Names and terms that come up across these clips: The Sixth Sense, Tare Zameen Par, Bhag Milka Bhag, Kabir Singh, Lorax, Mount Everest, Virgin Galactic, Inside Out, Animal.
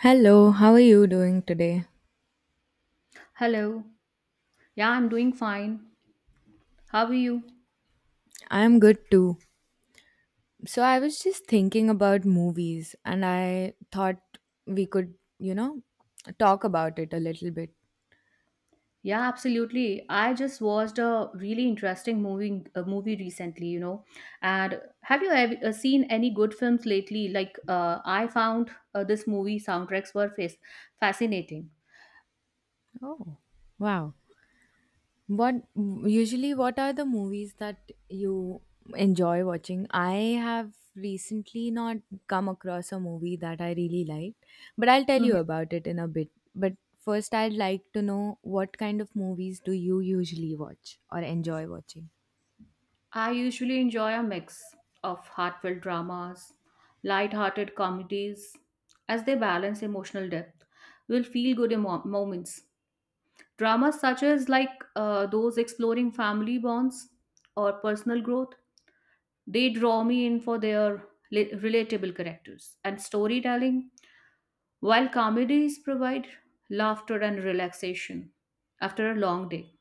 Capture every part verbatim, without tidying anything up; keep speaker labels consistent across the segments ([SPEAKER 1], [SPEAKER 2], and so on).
[SPEAKER 1] Hello, how are you doing today?
[SPEAKER 2] Hello. Yeah, I'm doing fine. How are you?
[SPEAKER 1] I am good too. So, I was just thinking about movies and I thought we could, you know, talk about it a little bit.
[SPEAKER 2] Yeah, absolutely. I just watched a really interesting movie a movie recently, you know. And have you ever uh, seen any good films lately? Like uh, I found uh, this movie soundtracks were fas- fascinating.
[SPEAKER 1] Oh, wow. What usually what are the movies that you enjoy watching? I have recently not come across a movie that I really liked, but I'll tell you
[SPEAKER 2] Mhm.
[SPEAKER 1] about it in a bit. But first I'd like to know what kind of movies do you usually watch or enjoy watching?
[SPEAKER 2] I usually enjoy a mix of heartfelt dramas, light-hearted comedies as they balance emotional depth. Will feel good emo- moments. Dramas such as like uh, those exploring family bonds or personal growth, they draw me in for their li- relatable characters and storytelling, while comedies provide laughter and relaxation after a long day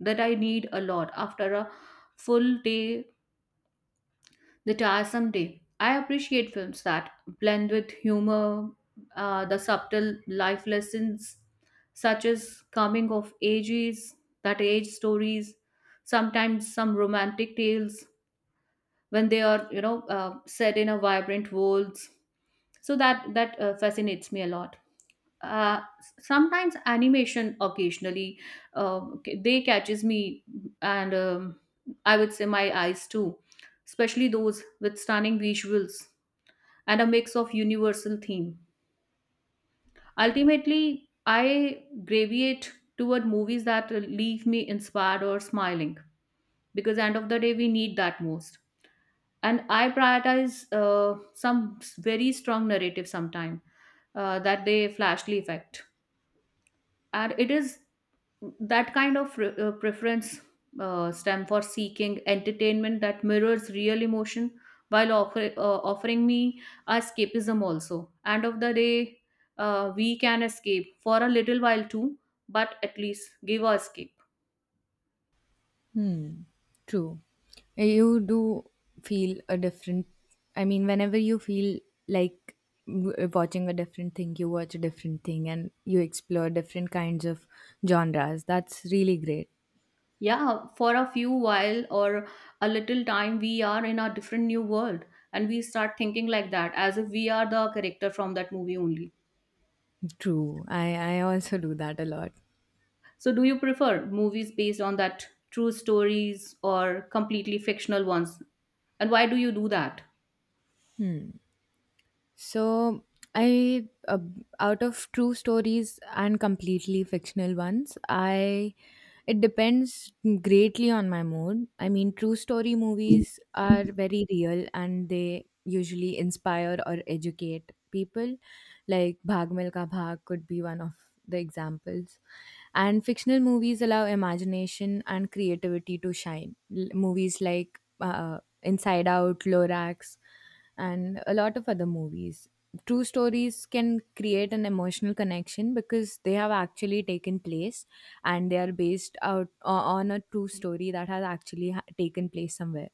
[SPEAKER 2] that I need a lot after a full day that are someday. I appreciate films that blend with humor, uh, the subtle life lessons, such as coming of ages, that age stories, sometimes some romantic tales when they are, you know, uh, set in a vibrant worlds. So that that uh, fascinates me a lot uh, s- sometimes animation occasionally uh, c- they catches me and um, I would say my eyes too, especially those with stunning visuals and a mix of universal theme. Ultimately I gravitate toward movies that leave me inspired or smiling, because end of the day we need that most. And I prioritize uh, some s- very strong narrative sometime, uh, that they flashly effect. And it is that kind of re- uh, preference uh, stem for seeking entertainment that mirrors real emotion, while offer, uh, offering me escapism also. End of the day, uh, we can escape for a little while too, but at least give a escape.
[SPEAKER 1] Hmm. True. Eh, You do feel a different. I mean, whenever you feel like w- eh, watching a different thing, you watch a different thing and you explore different kinds of genres. That's really great.
[SPEAKER 2] Yeah, for a few while or a little time we are in a different new world, and we start thinking like that as if we are the character from that movie only.
[SPEAKER 1] True. I, I also do that a lot.
[SPEAKER 2] So, do you prefer movies based on that true stories or completely fictional ones? And why do you do that?
[SPEAKER 1] So I, uh, out of true stories and completely fictional ones, I it depends greatly on my mood. I mean, true story movies are very real and they usually inspire or educate people. Like Bhag Milka Bhag could be one of the examples. And fictional movies allow imagination and creativity to shine. L- movies like uh, Inside Out, Lorax, and a lot of other movies. True stories can create an emotional connection because they have actually taken place and they are based out o- on a true story that has actually ha- taken place somewhere.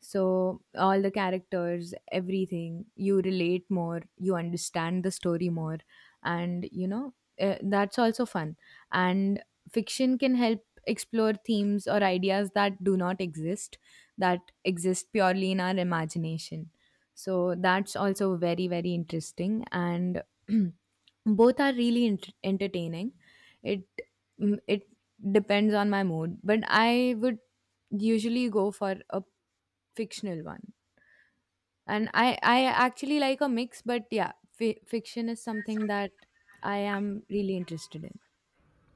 [SPEAKER 1] So, all the characters, everything, you relate more, you understand the story more, and you know, uh, that's also fun. And fiction can help explore themes or ideas that do not exist, that exist purely in our imagination, so that's also very very interesting, and both are really ent- entertaining. It mm, it depends on my mood, but I would usually go for a fictional one, and i i actually like a mix. But yeah, fi- fiction is something that I am really interested in.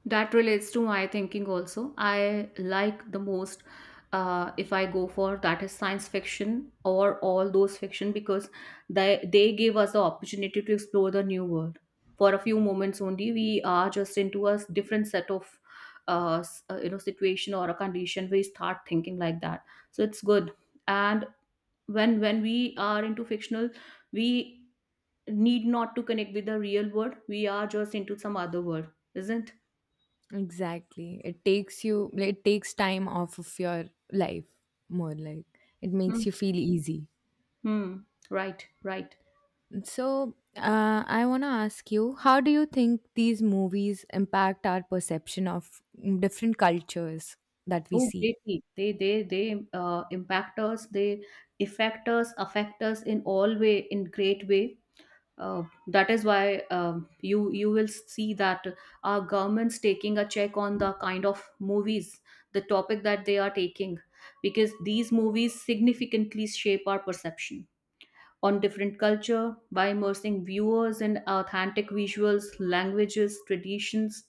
[SPEAKER 2] That relates to my thinking also. I like the most, uh, if I go for that, is science fiction or all those fiction because they they gave us the opportunity to explore the new world. For a few moments only, we are just into a different set of uh, s- uh, you know, situation or a condition. We start thinking like that, so it's good. And when when we are into fictional, we need not to connect with the real world, we are just into some other world, isn't.
[SPEAKER 1] Exactly, it takes you it takes time off of your life, more like it
[SPEAKER 2] Hmm.
[SPEAKER 1] makes you feel easy.
[SPEAKER 2] Hmm. Right, right.
[SPEAKER 1] So, uh, I want to ask you, how do you think these movies impact our perception of mm, different cultures that we
[SPEAKER 2] Oh,
[SPEAKER 1] see?
[SPEAKER 2] greatly, they they they uh, impact us, they affect us affect us in all way, in great way, uh, that is why um, you you will see that our governments taking a check on the kind of movies, the topic that they are taking, because these movies significantly shape our perception on different culture by immersing viewers in authentic visuals, languages, traditions.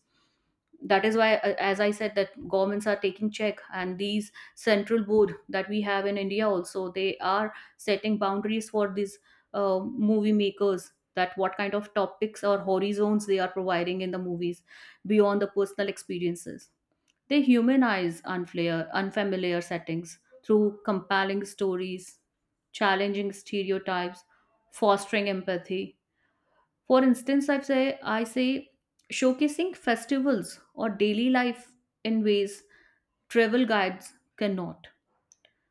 [SPEAKER 2] That is why, uh, as I said, that governments are taking check, and these central board that we have in India also they are setting boundaries for these uh, movie makers, that what kind of topics or horizons they are providing in the movies beyond the personal experiences. They humanize unflair, unfamiliar settings through compelling stories, challenging stereotypes, fostering empathy. For instance, I say I say showcasing festivals or daily life in ways travel guides cannot,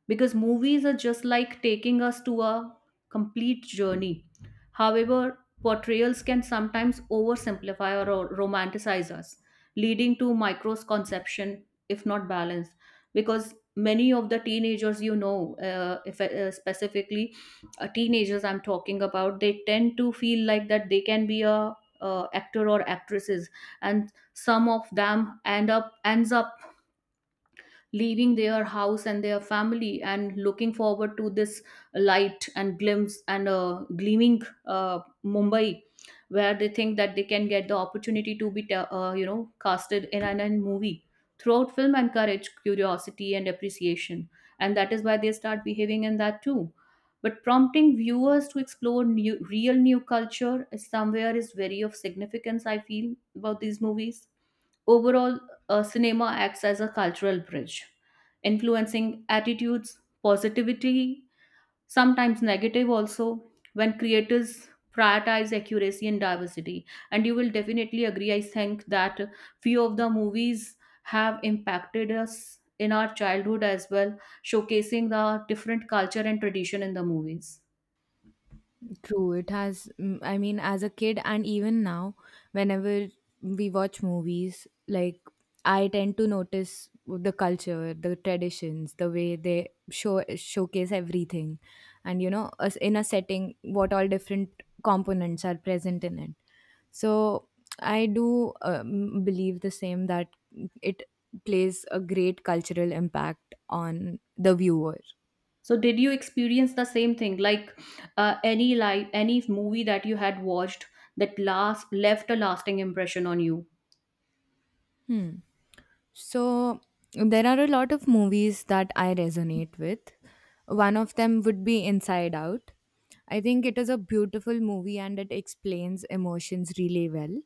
[SPEAKER 2] because movies are just like taking us to a complete journey. However, portrayals can sometimes oversimplify or ro- romanticize us, leading to microconception if not balance. Because many of the teenagers, you know, uh, if uh, specifically, uh, teenagers I'm talking about, they tend to feel like that they can be a uh, actor or actresses, and some of them end up ends up leaving their house and their family and looking forward to this light and glimpse and uh, gleaming uh, Mumbai, where they think that they can get the opportunity to be, te- uh, you know, casted in an, an movie. Throughout film encourage curiosity and appreciation, and that is why they start behaving in that too. But prompting viewers to explore new, real new culture is somewhere is very of significance, I feel about these movies. Overall, uh, cinema acts as a cultural bridge, influencing attitudes, positivity, sometimes negative also, when creators prioritize accuracy and diversity. And you will definitely agree, I think, that few of the movies have impacted us in our childhood as well, showcasing the different culture and tradition in the movies.
[SPEAKER 1] True, it has. mm, I mean, as a kid and even now, whenever we watch movies, like I tend to notice the culture, the traditions, the way they show showcase everything, and you know, us- in a setting, what all different components are present in it. So I do um, believe the same, that it plays a great cultural impact on the viewer.
[SPEAKER 2] So did you experience the same thing, like uh, any like any movie that you had watched that last left a lasting impression on you?
[SPEAKER 1] Hmm. So there are a lot of movies that I resonate with. One of them would be Inside Out. I think it is a beautiful movie and it explains emotions really well.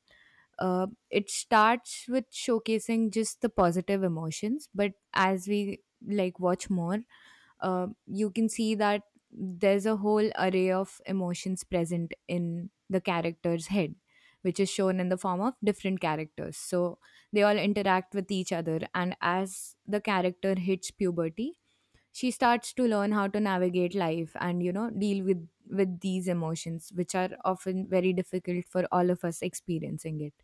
[SPEAKER 1] Uh, it starts with showcasing just the positive emotions, but as we like watch more, uh, you can see that there's a whole array of emotions present in the character's head, which is shown in the form of different characters, so they all interact with each other, and as the character hits puberty, she starts to learn how to navigate life and you know deal with with these emotions, which are often very difficult for all of us experiencing it.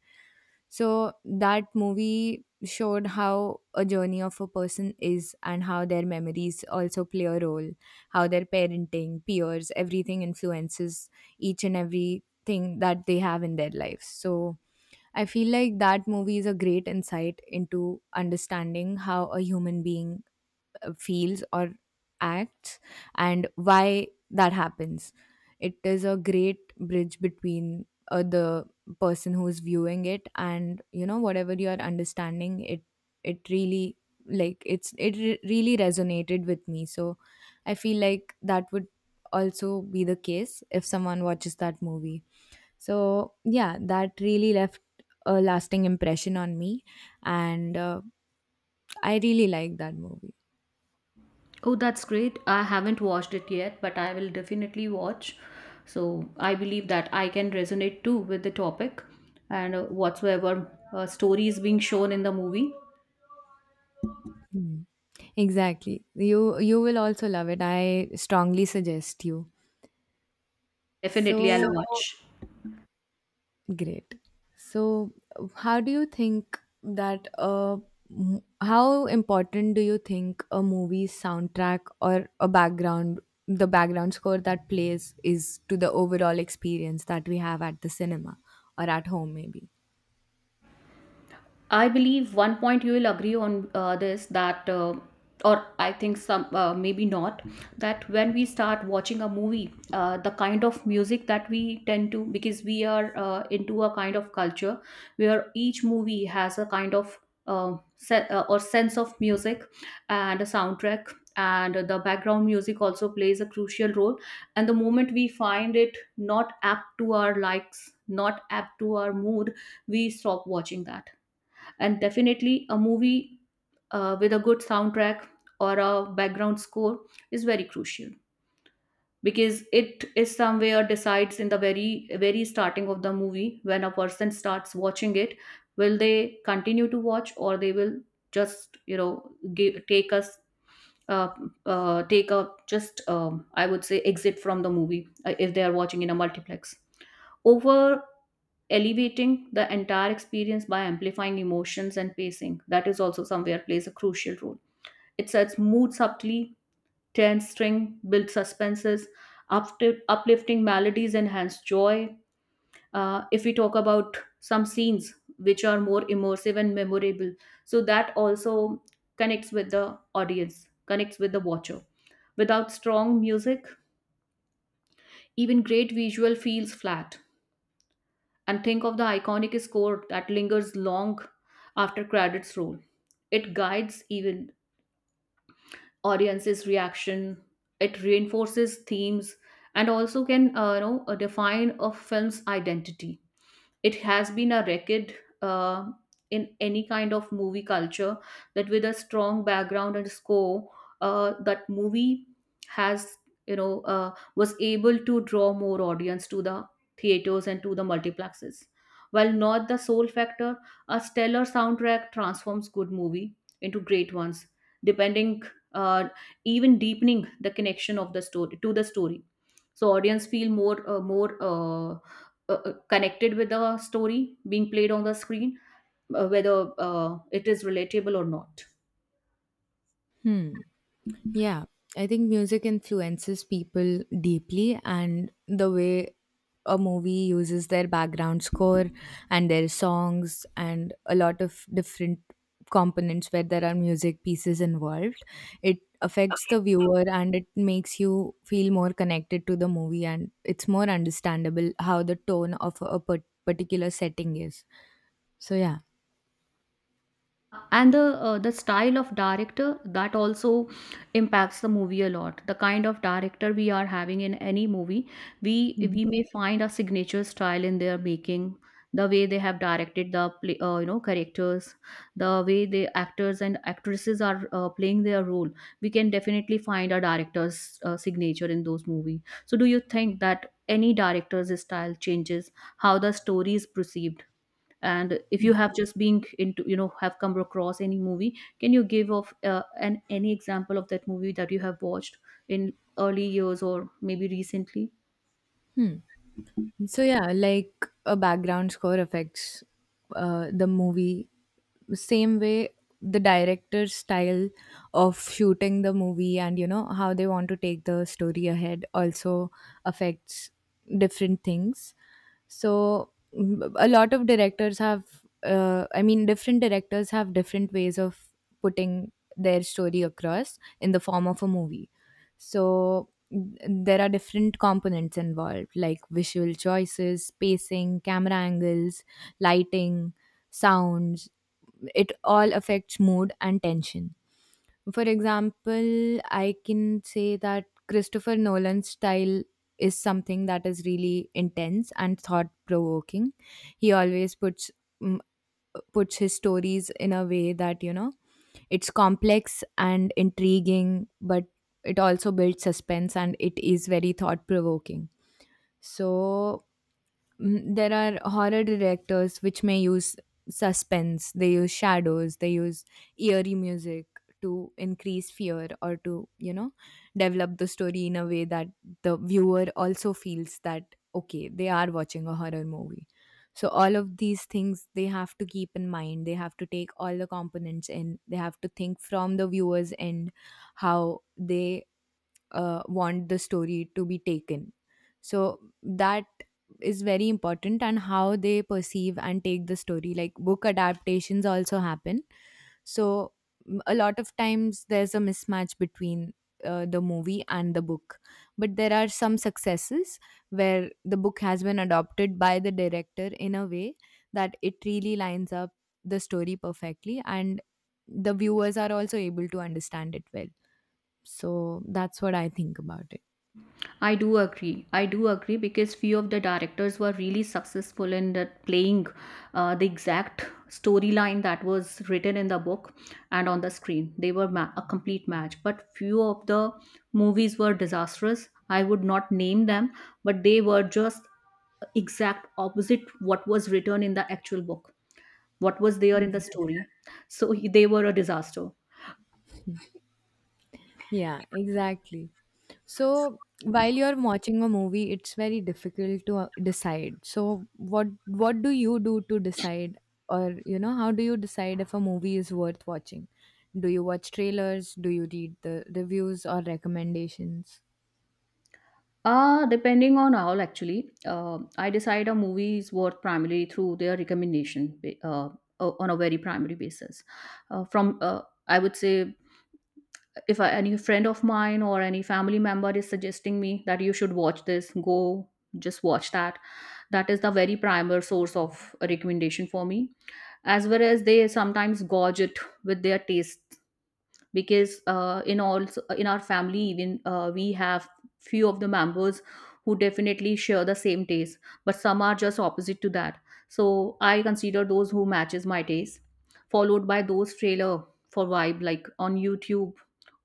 [SPEAKER 1] So that movie showed how a journey of a person is, and how their memories also play a role, how their parenting, peers, everything influences each and everything that they have in their lives. So I feel like that movie is a great insight into understanding how a human being uh, feels or acts, and why that happens. It is a great bridge between uh, the person who is viewing it, and you know whatever you are understanding it, it really, like, it's it re- really resonated with me. So I feel like that would also be the case if someone watches that movie. So yeah, that really left a lasting impression on me, and uh, I really like that movie.
[SPEAKER 2] Oh, that's great. I haven't watched it yet, but I will definitely watch. So I believe that I can resonate too with the topic and uh, whatsoever uh, story is being shown in the movie.
[SPEAKER 1] Mm. Exactly. You you will also love it. I strongly suggest you.
[SPEAKER 2] Definitely, I'll
[SPEAKER 1] So
[SPEAKER 2] watch.
[SPEAKER 1] great. So how do you think that uh m- how important do you think a movie's soundtrack or a background the background score that plays is to the overall experience that we have at the cinema or at home maybe?
[SPEAKER 2] I believe one point you will agree on uh, this that, uh, or I think some uh, maybe not, that when we start watching a movie, uh, the kind of music that we tend to, because we are uh, into a kind of culture where each movie has a kind of uh, se- uh, or sense of music and a soundtrack. And the background music also plays a crucial role. And the moment we find it not apt to our likes, not apt to our mood, we stop watching that. And definitely a movie uh, with a good soundtrack or a background score is very crucial, because it is somewhere decides in the very very starting of the movie, when a person starts watching it, will they continue to watch or they will just, you know, give, take us uh, uh, take a just um, I would say exit from the movie, uh, if they are watching in a multiplex, over elevating the entire experience by amplifying emotions and pacing. That is also somewhere plays a crucial role. It sets mood subtly, tense string, builds suspenses, upti- uplifting melodies enhance joy. Uh, if we talk about some scenes which are more immersive and memorable, so that also connects with the audience, connects with the watcher. Without strong music, even great visual feels flat, and think of the iconic score that lingers long after credits roll. It guides even audiences' reaction. It reinforces themes, and also can, uh, you know uh, define a film's identity. It has been a record uh, in any kind of movie culture, that with a strong background and score, uh, that movie has, you know, uh, was able to draw more audience to the theaters and to the multiplexes. While not the sole factor, a stellar soundtrack transforms good movie into great ones, depending, uh, even deepening the connection of the story to the story, so audience feel more uh, more uh, uh, uh, connected with the story being played on the screen, uh, whether uh, it is relatable or not.
[SPEAKER 1] Hmm. Yeah, I think music influences people deeply, and the way a movie uses their background score and their songs and a lot of different components where there are music pieces involved, it affects the viewer and it makes you feel more connected to the movie, and it's more understandable how the tone of a par- particular setting is. So, yeah.
[SPEAKER 2] And the, uh, the style of director that also impacts the movie a lot. The kind of director we are having in any movie, we we may find a signature style in their making, the way they have directed the play, uh, you know characters, the way the actors and actresses are uh, playing their role, we can definitely find a director's uh, signature in those movies. So do you think that any director's style changes how the story is perceived? And if you have just been into, you know, have come across any movie, can you give of uh, an any example of that movie that you have watched in early years or maybe recently?
[SPEAKER 1] So yeah, like a background score affects uh, the movie. Same way, the director's style of shooting the movie, and you know how they want to take the story ahead, also affects different things. So mm, a lot of directors have, uh, I mean, different directors have different ways of putting their story across in the form of a movie. So there are different components involved, like visual choices, pacing, camera angles, lighting, sounds. It all affects mood and tension. For example, I can say that Christopher Nolan's style is something that is really intense and thought provoking. He always puts mm, puts his stories in a way that, you know, it's complex and intriguing, but it also builds suspense and it is very thought provoking. So, Mm, there are horror directors which may use suspense, they use shadows, they use eerie music to increase fear, or to you know develop the story in a way that the viewer also feels that, okay, they are watching a horror movie. So all of these things they have to keep in mind, they have to take all the components in, they have to think from the viewer's end how they uh, want the story to be taken. So that is very important, and how they perceive and take the story, like book adaptations also happen. So m- a lot of times there's a mismatch between uh, the movie and the book, but there are some successes where the book has been adopted by the director in a way that it really lines up the story perfectly, and the viewers are also able to understand it well. So that's what I think about it.
[SPEAKER 2] I do agree i do agree because few of the directors were really successful in that playing uh, the exact storyline that was written in the book, and on the screen they were ma- a complete match. But few of the movies were disastrous, I would not name them, but they were just exact opposite what was written in the actual book, what was there in the
[SPEAKER 1] Exactly.
[SPEAKER 2] story, so he- they were a disaster.
[SPEAKER 1] Yeah, exactly. So while you're watching a movie, it's very difficult to uh, decide. So what what do you do to decide, or you know, how do you decide if a movie is worth watching? Do you watch trailers? Do you read the reviews or recommendations?
[SPEAKER 2] Uh, depending on how actually, uh, I decide a movie is worth primarily through their recommendation ba- uh, o- on a very primary basis, uh, from uh, I would say, if I, any friend of mine or any family member is suggesting me that you should watch this, go just watch that. That is the very primer source of recommendation for me, as well as they sometimes gorge it with their taste, because uh, in all, in our family even, uh, we have few of the members who definitely share the same taste, but some are just opposite to that. So I consider those who matches my taste, followed by those trailer for vibe, like on YouTube,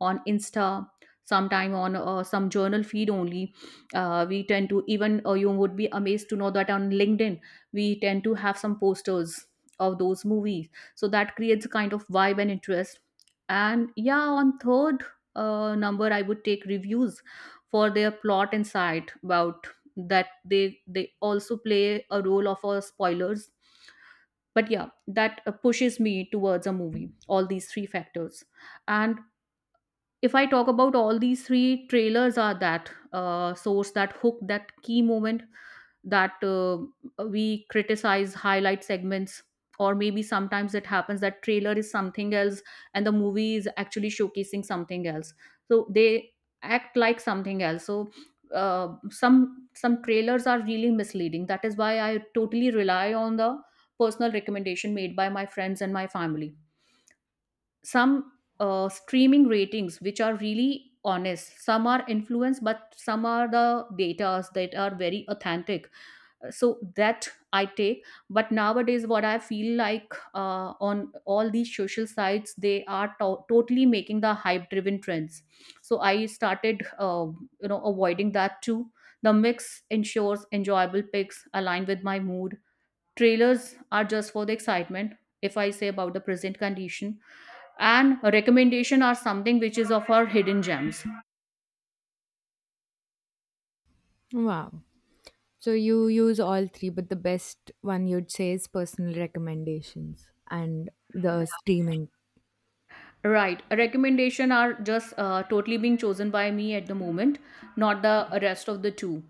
[SPEAKER 2] on Insta, sometime on uh, some journal feed only. Uh, we tend to even, uh, you would be amazed to know that on LinkedIn we tend to have some posters of those movies, so that creates a kind of vibe and interest. And yeah, on third uh, number, I would take reviews for Their plot and site about that they they also play a role of uh, spoilers. But yeah, that uh, pushes me towards a movie, all these three factors. And if I talk about all these three, trailers are that uh, source, that hook, that key moment, that uh, we criticize, highlight segments, or maybe sometimes it happens that trailer is something else and the movie is actually showcasing something else. So they act like something else. So uh, some some trailers are really misleading. That is why I totally rely on the personal recommendation made by my friends and my family, some uh, streaming ratings which are really honest. Some are influenced, but some are the datas that are very authentic, so that I take. But nowadays, what I feel like, uh, on all these social sites, they are to- totally making the hype driven trends. So I started, uh, you know, avoiding that too. The mix ensures enjoyable picks aligned with my mood. Trailers are just for the excitement, if I say about the present condition. And a recommendation are something which is of our hidden gems.
[SPEAKER 1] Wow. So you use all three, but the best one you'd say is personal recommendations and the streaming.
[SPEAKER 2] Right, a recommendation are just uh, totally being chosen by me at the moment, not the rest of the two.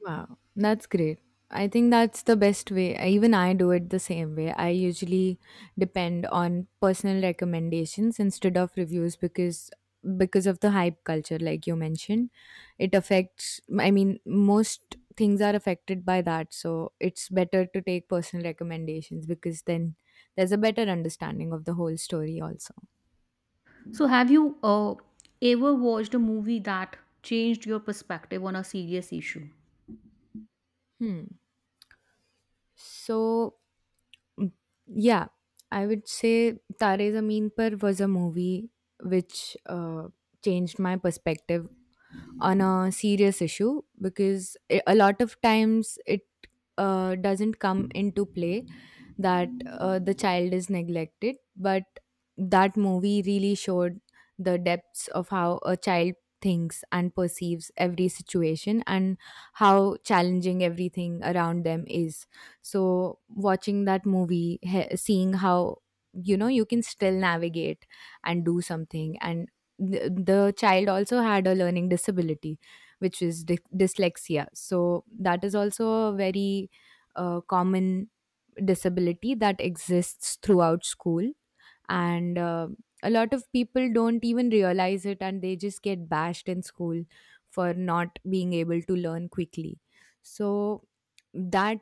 [SPEAKER 1] Wow, that's great. I think that's the best way. I- Even I do it the same way. I usually depend on personal recommendations instead of reviews because because of the hype culture like you mentioned. It affects, I mean, most things are affected by that, so it's better to take personal recommendations because then there's a better understanding of the whole story also.
[SPEAKER 2] So, have you uh, ever watched a movie that changed your perspective on a serious issue?
[SPEAKER 1] Hmm. So yeah, I would say Tare Zameen Par was a movie which uh, changed my perspective on a serious issue, because i- a lot of times it uh, doesn't come into play that uh, the child is neglected, but that movie really showed the depths of how a child thinks and perceives every situation, and how challenging everything around them is. So watching that movie, he- seeing how, you know, you can still navigate and do something, and the, the child also had a learning disability, which is dy- dyslexia. So that is also a very uh, common disability that exists throughout school, and uh, a lot of people don't even realize it, and they just get bashed in school for not being able to learn quickly. So that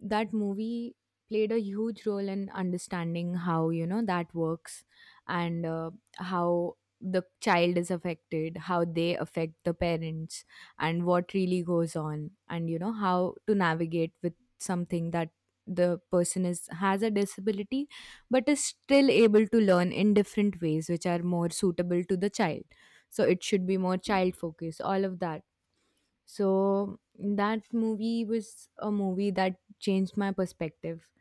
[SPEAKER 1] that movie played a huge role in understanding how, you know, that works, and uh, how the child is affected, how they affect the parents, and what really goes on, and you know how to navigate with something that the person is has a disability, but is still able to learn in different ways which are more suitable to the child. So it should be more child focused, all of that. So that movie was a movie that changed my perspective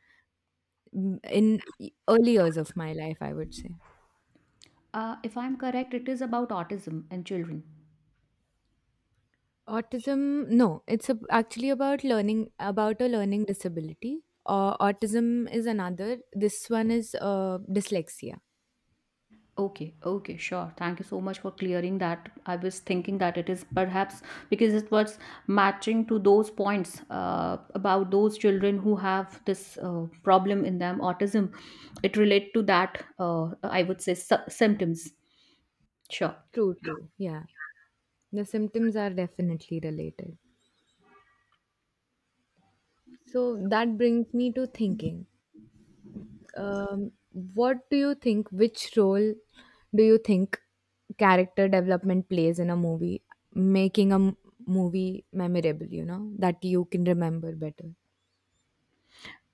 [SPEAKER 1] mm, in early years of my life, I would say.
[SPEAKER 2] uh, If I'm correct, it is about autism and children.
[SPEAKER 1] Autism, no, it's a, actually about learning about a learning disability. Uh, autism is another. This one is uh, dyslexia.
[SPEAKER 2] Okay, okay, sure. Thank you so much for clearing that. I was thinking that it is perhaps because it was matching to those points uh, about those children who have this uh, problem in them, autism. It relate to that, uh, I would say, sy- symptoms. Sure.
[SPEAKER 1] True, true. Yeah, the symptoms are definitely related. So that brings me to thinking. Um, what do you think? Which role do you think character development plays in a movie, making a m- movie memorable? You know that you can remember better.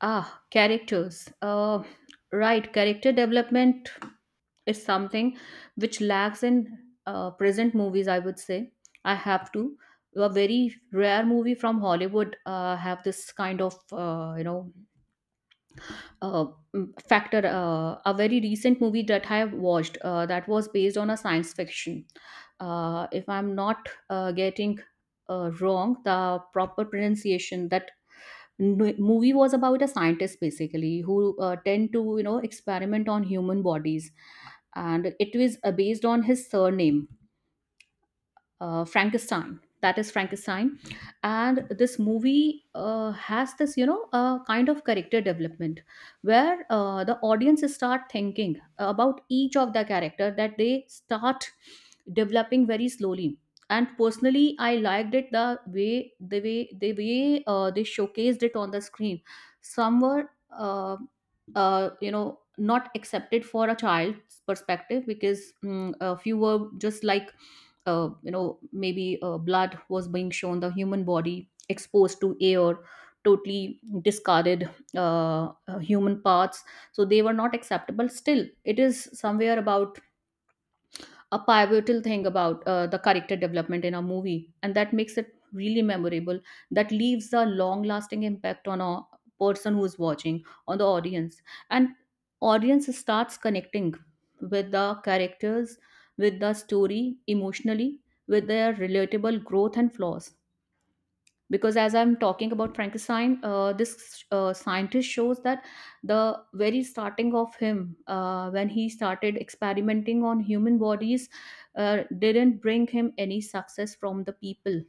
[SPEAKER 2] Ah, characters. Uh, right, character development is something which lacks in uh, present movies, I would say. I have to, a very rare movie from Hollywood, uh, have this kind of, uh, you know uh, mm, factor. Uh, a very recent movie that I have watched, uh, that was based on a science fiction. Uh, if I'm not uh, getting uh, wrong the proper pronunciation, that n- movie was about a scientist basically who uh, tend to, you know, experiment on human bodies. And it is uh, based on his surname, uh, Frankenstein. That is Frankenstein. And this movie uh, has this, you know, uh, kind of character development where uh, the audience start thinking about each of the character that they start developing very slowly. And personally, I liked it the way the way the way uh, they showcased it on the screen. Some were, uh, uh, you know, not accepted for a child's perspective because, mm, a few were just like, uh, you know, maybe uh, blood was being shown, the human body exposed to air, totally discarded uh, uh, human parts. So they were not acceptable. Still, it is somewhere about a pivotal thing about uh, the character development in a movie, and that makes it really memorable. That leaves a long lasting impact on a person who's watching, on the audience. And audience starts connecting with the characters, with the story emotionally, with their relatable growth and flaws. Because as I'm talking about Frankenstein, uh, this uh, scientist shows that the very starting of him, uh, when he started experimenting on human bodies, uh, didn't bring him any success from the people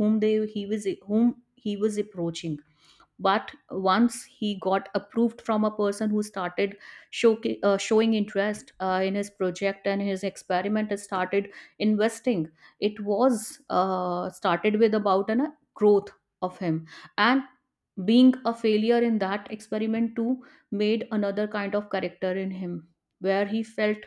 [SPEAKER 2] whom they he was whom he was approaching. But once he got approved from a person who started show, uh, showing interest uh, in his project and his experiment and started investing, it was, uh, started with about an, uh, growth of him. And being a failure in that experiment too made another kind of character in him, where he felt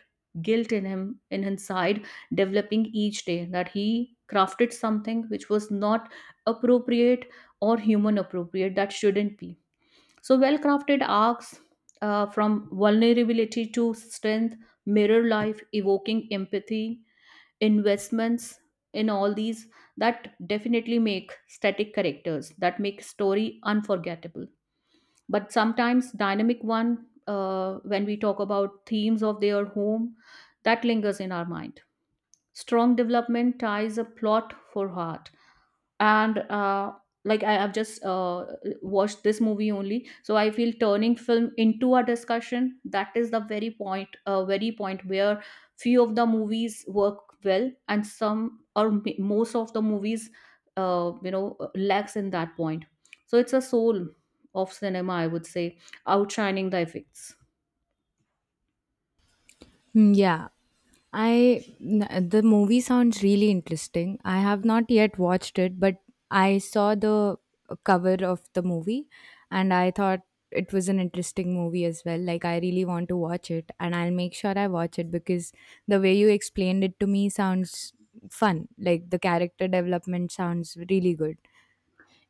[SPEAKER 2] guilt in him, in his side, developing each day, that he crafted something which was not appropriate or human appropriate, that shouldn't be. So, well crafted arcs, uh, from vulnerability to strength, mirror life, evoking empathy, investments, in all these, that definitely make static characters, that make story unforgettable. But sometimes dynamic one, uh, when we talk about themes of their home, that lingers in our mind. Strong development ties a plot for heart. And uh, like I have just uh, watched this movie only, so I feel turning film into a discussion. That is the very point, uh, very point where few of the movies work well, and some or m- most of the movies, uh, you know, lacks in that point. So it's a soul of cinema, I would say, outshining the effects.
[SPEAKER 1] Hmm. Yeah, I n- the movie sounds really interesting. I have not yet watched it, but I saw the uh, cover of the movie and I thought it was an interesting movie as well. Like I really want to watch it and I'll make sure I watch it because the way you explained it to me sounds fun. Like the character development sounds really good.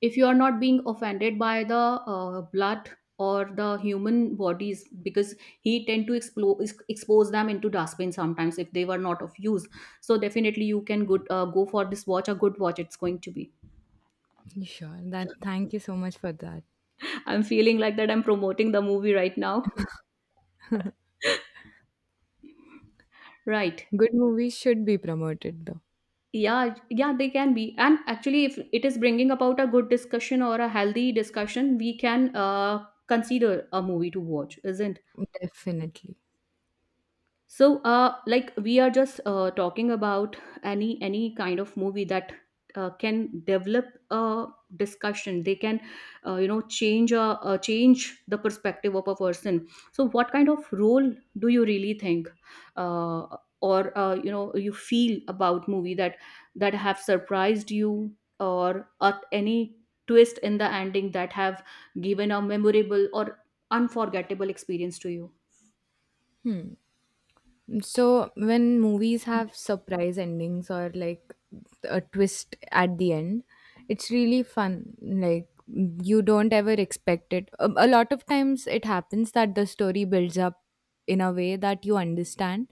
[SPEAKER 2] If you are not being offended by the uh, blood or the human bodies, because he tend to explore, expose them into dustbin sometimes if they were not of use. So definitely you can good, uh, go for this watch, a good watch. It's going to be.
[SPEAKER 1] Sure. That thank you so much for that.
[SPEAKER 2] I'm feeling like that I'm promoting the movie right now, right?
[SPEAKER 1] Good movies should be promoted though.
[SPEAKER 2] Yeah, yeah, they can be. And actually, if it is bringing about a good discussion or a healthy discussion, we can uh, consider a movie to watch, isn't?
[SPEAKER 1] Definitely.
[SPEAKER 2] So uh like we are just uh, talking about any any kind of movie that uh, can develop a discussion. They can, uh, you know, change a, uh, change the perspective of a person. So what kind of role do you really think, uh, or uh, you know, you feel about movie that that have surprised you, or uh, any twist in the ending that have given a memorable or unforgettable experience to you?
[SPEAKER 1] So when movies have surprise endings or like a twist at the end, it's really fun. Like you don't ever expect it. A, a lot of times it happens that the story builds up in a way that you understand,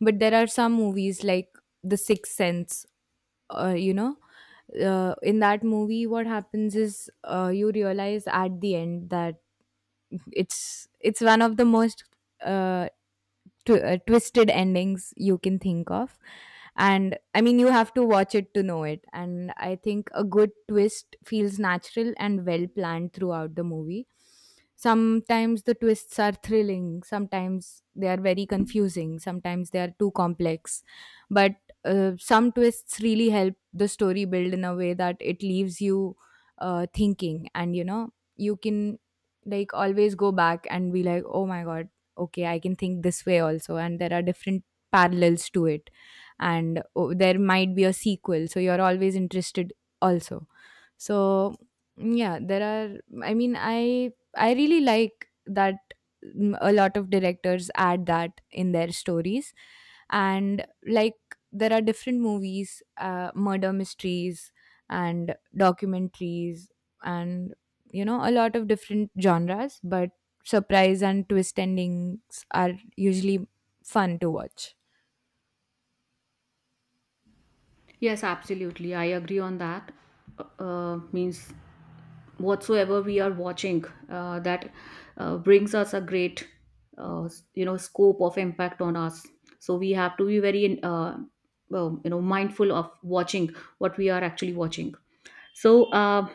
[SPEAKER 1] but there are some movies like The Sixth Sense, uh, you know, uh, in that movie what happens is uh, you realize at the end that it's it's one of the most uh, tw- uh, twisted endings you can think of. And I mean you have to watch it to know it, and I think a good twist feels natural and well planned throughout the movie. Sometimes the twists are thrilling, sometimes they are very confusing, sometimes they are too complex, but uh, some twists really help the story build in a way that it leaves you uh, thinking, and you know you can like always go back and be like, oh my god, okay, I can think this way also, and there are different parallels to it. And oh, there might be a sequel, so you're always interested also. So yeah, there are, I mean i i really like that. Mm, a lot of directors add that in their stories, and like there are different movies, uh, murder mysteries and documentaries, and you know, a lot of different genres, but surprise and twist endings are usually fun to watch.
[SPEAKER 2] Yes, absolutely. I agree on that. Uh, uh, means whatsoever we are watching, uh, that uh, brings us a great, uh, s- you know, scope of impact on us. So we have to be very, uh, well, you know, mindful of watching what we are actually watching. So uh,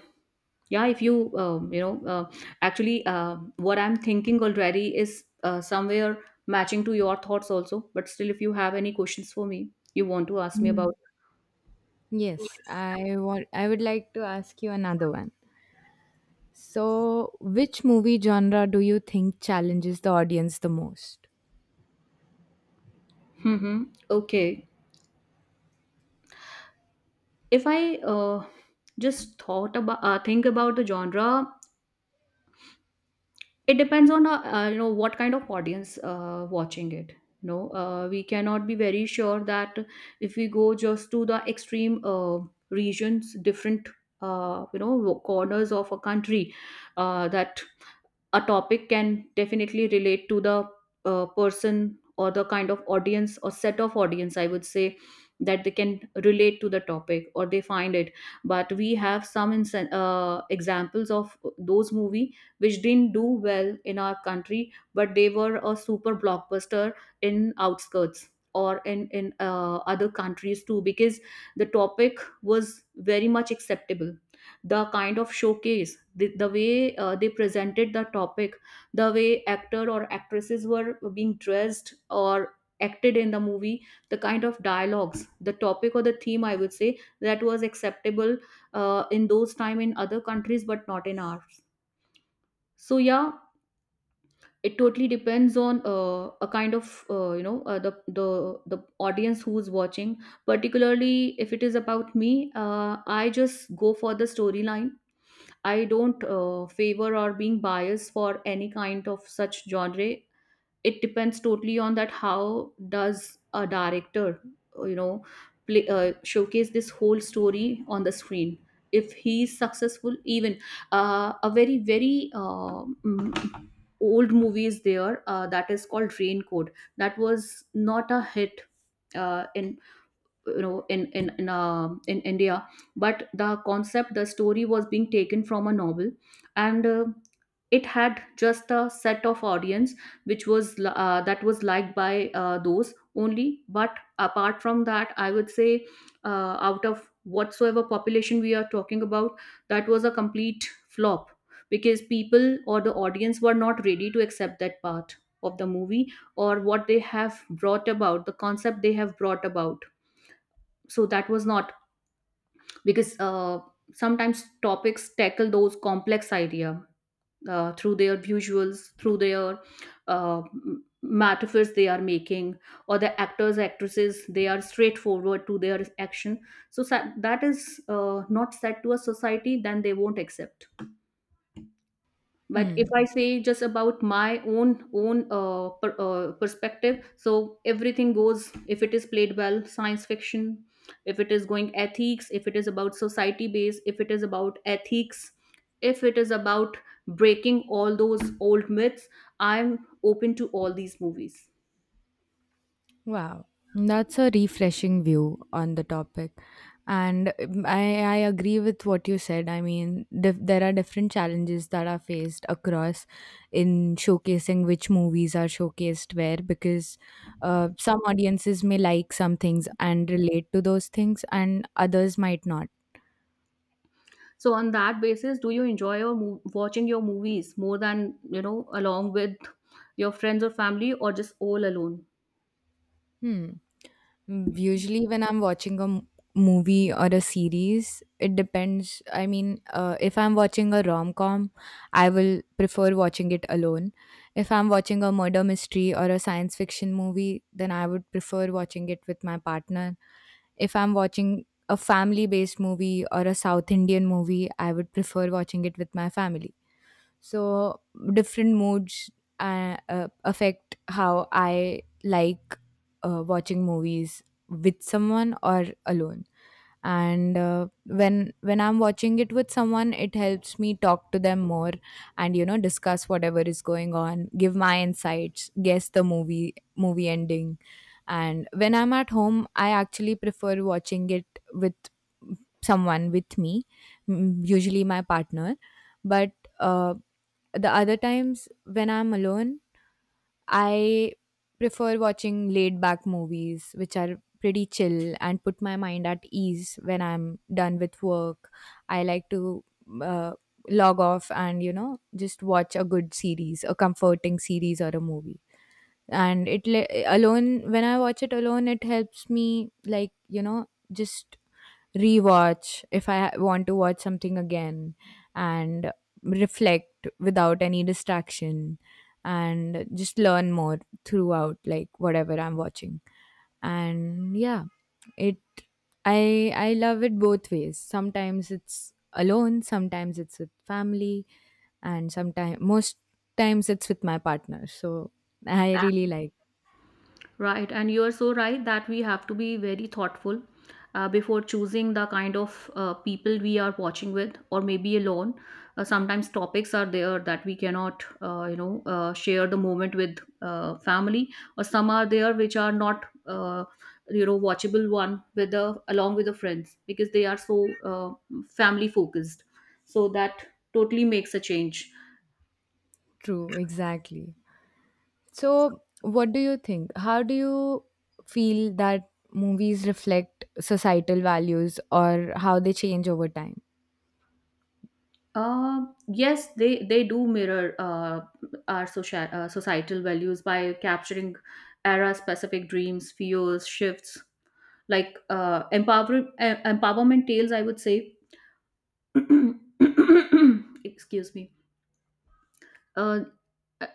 [SPEAKER 2] yeah, if you, um, you know, uh, actually, uh, what I'm thinking already is uh, somewhere matching to your thoughts also. But still, if you have any questions for me, you want to ask me
[SPEAKER 1] Mm.
[SPEAKER 2] about.
[SPEAKER 1] Yes, I want, I would like to ask you another one. So, which movie genre do you think challenges the audience the most?
[SPEAKER 2] Mm-hmm. Okay. If I uh, just thought about, uh, think about the genre, it depends on uh, uh, you know, what kind of audience uh, watching it. You know, uh, we cannot be very sure that if we go just to the extreme uh, regions, different uh, you know, corners of a country, uh, that a topic can definitely relate to the uh, person or the kind of audience or set of audience, I would say, that they can relate to the topic or they find it. But we have some insen- uh, examples of those movie which didn't do well in our country, but they were a super blockbuster in outskirts or in in uh, other countries too, because the topic was very much acceptable, the kind of showcase, the, the way uh, they presented the topic, the way actor or actresses were being dressed or acted in the movie, the kind of dialogues, the topic or the theme, I would say, that was acceptable uh, in those time in other countries but not in ours. So yeah, it totally depends on uh, a kind of, uh, you know, uh, the the the audience who's watching. Particularly, if it is about me, uh, I just go for the storyline. I don't uh, favor or being biased for any kind of such genre. It depends totally on that how does a director, uh, you know, play, uh, showcase this whole story on the screen. If he's successful, even uh, a very very uh, mm, old movie is there, uh, that is called Rain Code. That was not a hit uh, in you know in in in, uh, in india, but the concept, the story, was being taken from a novel, and uh, it had just a set of audience which was li- uh, that was liked by uh, those only. But apart from that, I would say, uh, out of whatsoever population we are talking about, that was a complete flop because people or the audience were not ready to accept that part of the movie or what they have brought about, the concept they have brought about. So that was not, because uh, sometimes topics tackle those complex idea uh, through their visuals, through their uh, m- metaphors they are making, or the actors, actresses, they are straightforward to their action. So sa- that is uh, not said to a society, then they won't accept. But
[SPEAKER 1] Hmm.
[SPEAKER 2] if I say just about my own own uh, per, uh, perspective, so everything goes if it is played well. Science fiction, if it is going ethics, if it is about society based, if it is about ethics, if it is about breaking all those old myths, I'm open to all these movies.
[SPEAKER 1] Wow, that's a refreshing view on the topic. And um, I, I agree with what you said. I mean, dif- there are different challenges that are faced across in showcasing which movies are showcased where, because uh, some audiences may like some things and relate to those things, and others might not.
[SPEAKER 2] So on that basis, do you enjoy your mo- watching your movies more than, you know, along with your friends or family, or just all alone?
[SPEAKER 1] Hmm. Mm, usually, when I'm watching a m- movie or a series, it depends. I mean, uh, if I'm watching a rom com, I will prefer watching it alone. If I'm watching a murder mystery or a science fiction movie, then I would prefer watching it with my partner. If I'm watching a family based movie or a South Indian movie, I would prefer watching it with my family. So different moods uh, uh, affect how I like uh, watching movies with someone or alone. And uh, when when i'm watching it with someone, it helps me talk to them more, and you know, discuss whatever is going on, give my insights, guess the movie movie ending. And when I'm at home, I actually prefer watching it with someone with me, m- usually my partner, but uh, the other times when I'm alone, I prefer watching laid back movies, which are pretty chill and put my mind at ease when I'm done with work. I like to uh, log off and, you know, just watch a good series, a comforting series or a movie. And it le- alone, when I watch it alone, it helps me, like, you know, just rewatch if I ha- want to watch something again, and reflect without any distraction, and just learn more throughout, like whatever I'm watching. And yeah, it, I I love it both ways. Sometimes it's alone, sometimes it's with family, and sometimes most times it's with my partner. So I really like,
[SPEAKER 2] Right, and you are so right that we have to be very thoughtful uh, before choosing the kind of uh, people we are watching with, or maybe alone. Uh, sometimes topics are there that we cannot, uh, you know, uh, share the moment with uh, family, or some are there which are not, uh, you know, watchable one with the, along with the friends, because they are so uh, family focused. So that totally makes a change.
[SPEAKER 1] true, exactly. So, what do you think? How do you feel that movies reflect societal values or how they change over time?
[SPEAKER 2] Uh, yes, they they do mirror uh, our social uh, societal values by capturing era-specific dreams, fears, shifts, like uh, empower, uh, empowerment tales, I would say. Excuse me. Uh,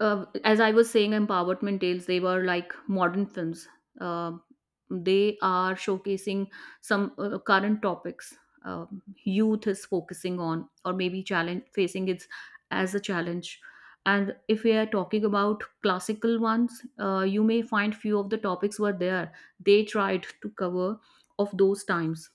[SPEAKER 2] uh, as I was saying, empowerment tales, they were like modern films. Um they are showcasing some uh, current topics, um, youth is focusing on, or maybe challenge facing it as a challenge. And if we are talking about classical ones, uh, you may find few of the topics were there. They tried to cover of those times.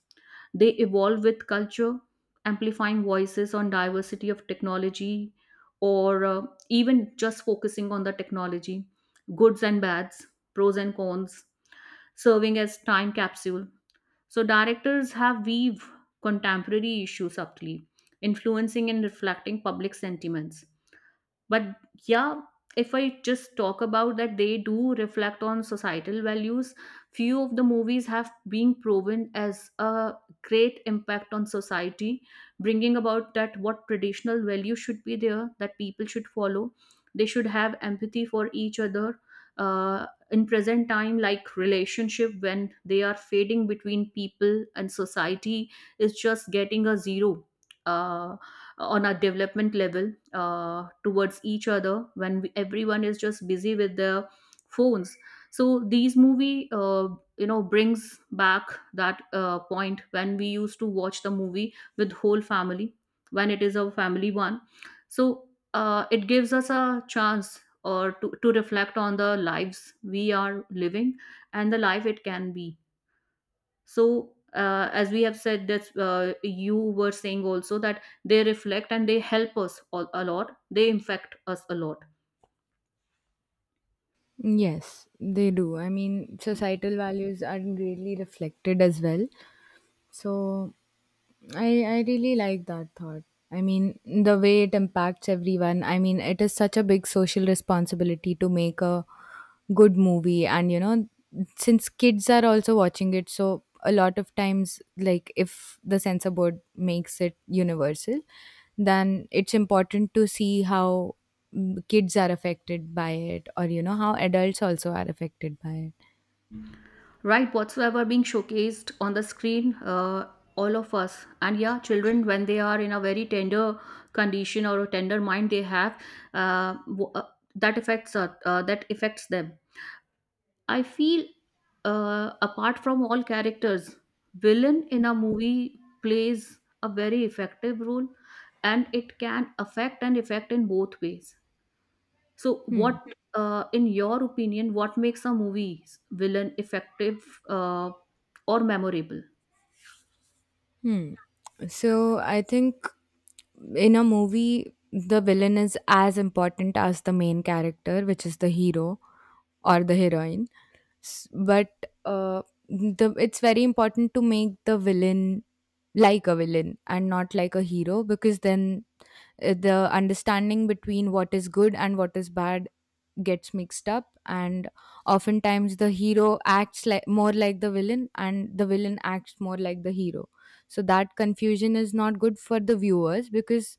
[SPEAKER 2] They evolve with culture, amplifying voices on diversity of technology, or uh, even just focusing on the technology, goods and bads, pros and cons, serving as time capsule. So directors have weave contemporary issues subtly, influencing and reflecting public sentiments. But yeah, if I just talk about that, they do reflect on societal values. Few of the movies have been proven as a great impact on society, bringing about that what traditional values should be there that people should follow, they should have empathy for each other. uh, in present time, like relationship, when they are fading between people and society, is just getting a zero. Uh, on a development level uh, towards each other, when we, everyone is just busy with their phones, so these movie uh, you know, brings back that uh, point when we used to watch the movie with whole family, when it is a family one. So uh, it gives us a chance or to, to reflect on the lives we are living and the life it can be. So uh, as we have said that, uh, you were saying also, that they reflect and they help us all, a lot, they infect us a lot.
[SPEAKER 1] Yes, they do. I mean, societal values are greatly reflected as well. So, I, I really like that thought. I mean, the way it impacts everyone. I mean, it is such a big social responsibility to make a good movie, and you know, since kids are also watching it, so a lot of times, like if the censor board makes it universal, then it's important to see how mm, kids are affected by it, or you know, how adults also are affected by it.
[SPEAKER 2] Right, whatsoever being showcased on the screen, uh, all of us, and yeah, children, when they are in a very tender condition or a tender mind they have, uh, w- uh, that affects, uh, uh, that affects them, I feel. Uh, apart from all characters, villain in a movie plays a very effective role, and it can affect and affect in both ways. So
[SPEAKER 1] Hmm.
[SPEAKER 2] what, uh, in your opinion, what makes a movie's villain effective, uh, or memorable?
[SPEAKER 1] Hmm. So I think in a movie, the villain is as important as the main character, which is the hero or the heroine. S- but uh, the it's very important to make the villain like a villain and not like a hero, because then uh, the understanding between what is good and what is bad gets mixed up, and oftentimes the hero acts like, more like the villain, and the villain acts more like the hero. So that confusion is not good for the viewers, because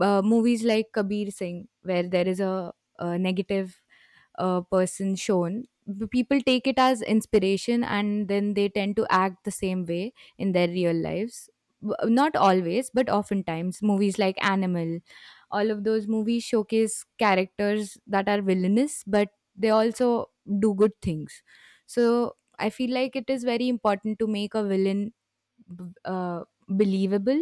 [SPEAKER 1] uh, movies like Kabir Singh, where there is a, a negative uh, person shown, b- people take it as inspiration and then they tend to act the same way in their real lives. W- not always, but oftentimes movies like Animal, all of those movies showcase characters that are villainous, but they also do good things. So I feel like it is very important to make a villain b- uh, believable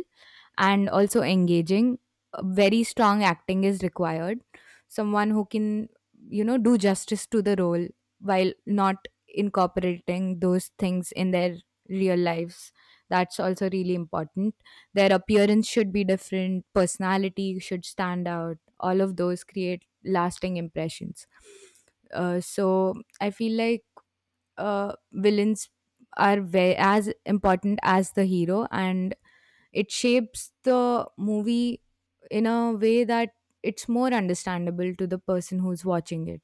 [SPEAKER 1] and also engaging. Very strong acting is required. Someone who can, you know, do justice to the role while not incorporating those things in their real lives. That's also really important. Their appearance should be different, personality should stand out. All of those create lasting impressions. Uh, so I feel like uh, villains are ve- as important as the hero, and it shapes the movie in a way that it's more understandable to the person who's watching it.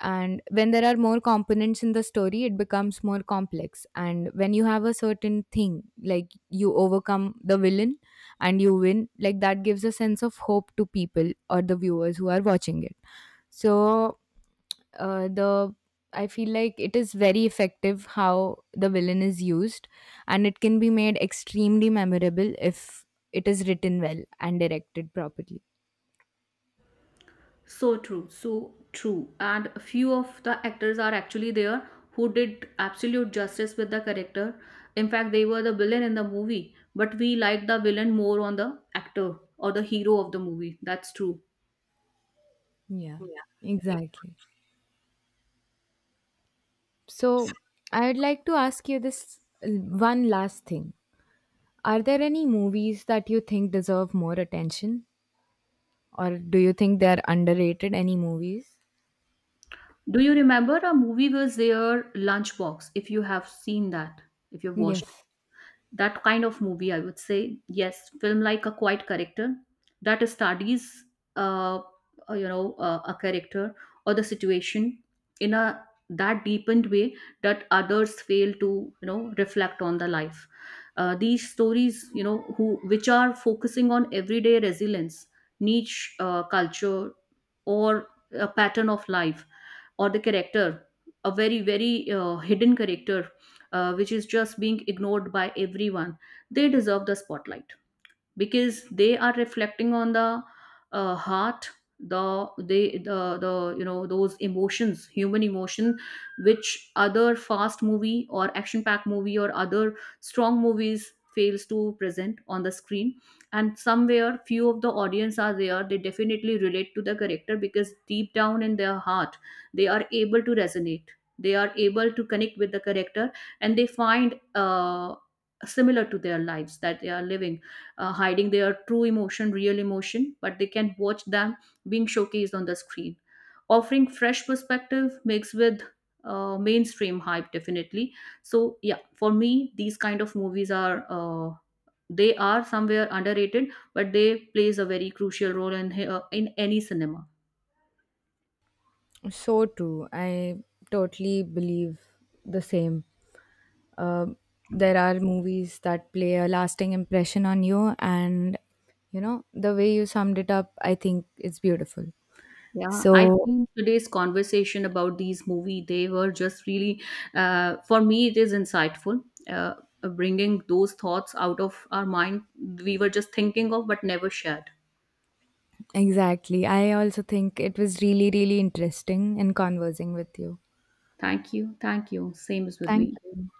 [SPEAKER 1] And when there are more components in the story, it becomes more complex. And when you have a certain thing, like you overcome the villain and you win, like that gives a sense of hope to people or the viewers who are watching it. So uh, the I feel like it is very effective how the villain is used, and it can be made extremely memorable if it is written well and directed properly.
[SPEAKER 2] So true, so true. And a few of the actors are actually there who did absolute justice with the character. In fact, they were the villain in the movie, but we like the villain more on the actor or the hero of the movie. That's true.
[SPEAKER 1] Yeah, exactly. So, I would like to ask you this uh, one last thing. Are there any movies that you think deserve more attention, or do you think they are underrated? Any movies?
[SPEAKER 2] Do you remember a movie was there, Lunchbox, if you have seen that, if you've watched?
[SPEAKER 1] Yes.
[SPEAKER 2] That kind of movie, I would say, yes, film like a quiet character that studies, uh, uh, you know uh, a character or the situation in a that deepened way that others fail to, you know, reflect on the life. Uh, these stories, you know, who which are focusing on everyday resilience, niche uh, culture, or a pattern of life, or the character, a very very uh, hidden character, uh, which is just being ignored by everyone, they deserve the spotlight because they are reflecting on the uh, heart, the they the, the you know, those emotions, human emotion, which other fast movie or action packed movie or other strong movies fails to present on the screen. And somewhere few of the audience are there, they definitely relate to the character because deep down in their heart they are able to resonate, they are able to connect with the character, and they find uh, similar to their lives that they are living, uh, hiding their true emotion, real emotion, but they can watch them being showcased on the screen. Offering fresh perspective mixed with uh, mainstream hype, definitely. So yeah, for me, these kind of movies are. Uh, they are somewhere underrated, but they plays a very crucial role in uh, in any cinema.
[SPEAKER 1] So true. I totally believe the same. Um, there are movies that play a lasting impression on you, and you know, the way you summed it up, I think it's beautiful.
[SPEAKER 2] Yeah, I
[SPEAKER 1] So,
[SPEAKER 2] think today's conversation about these movie, they were just really, uh, for me, it is insightful. Uh, Bringing those thoughts out of our mind we were just thinking of but never shared.
[SPEAKER 1] exactly, I also think it was really really interesting in conversing with you.
[SPEAKER 2] Thank you, thank you. Same is with
[SPEAKER 1] Thank
[SPEAKER 2] me.
[SPEAKER 1] you.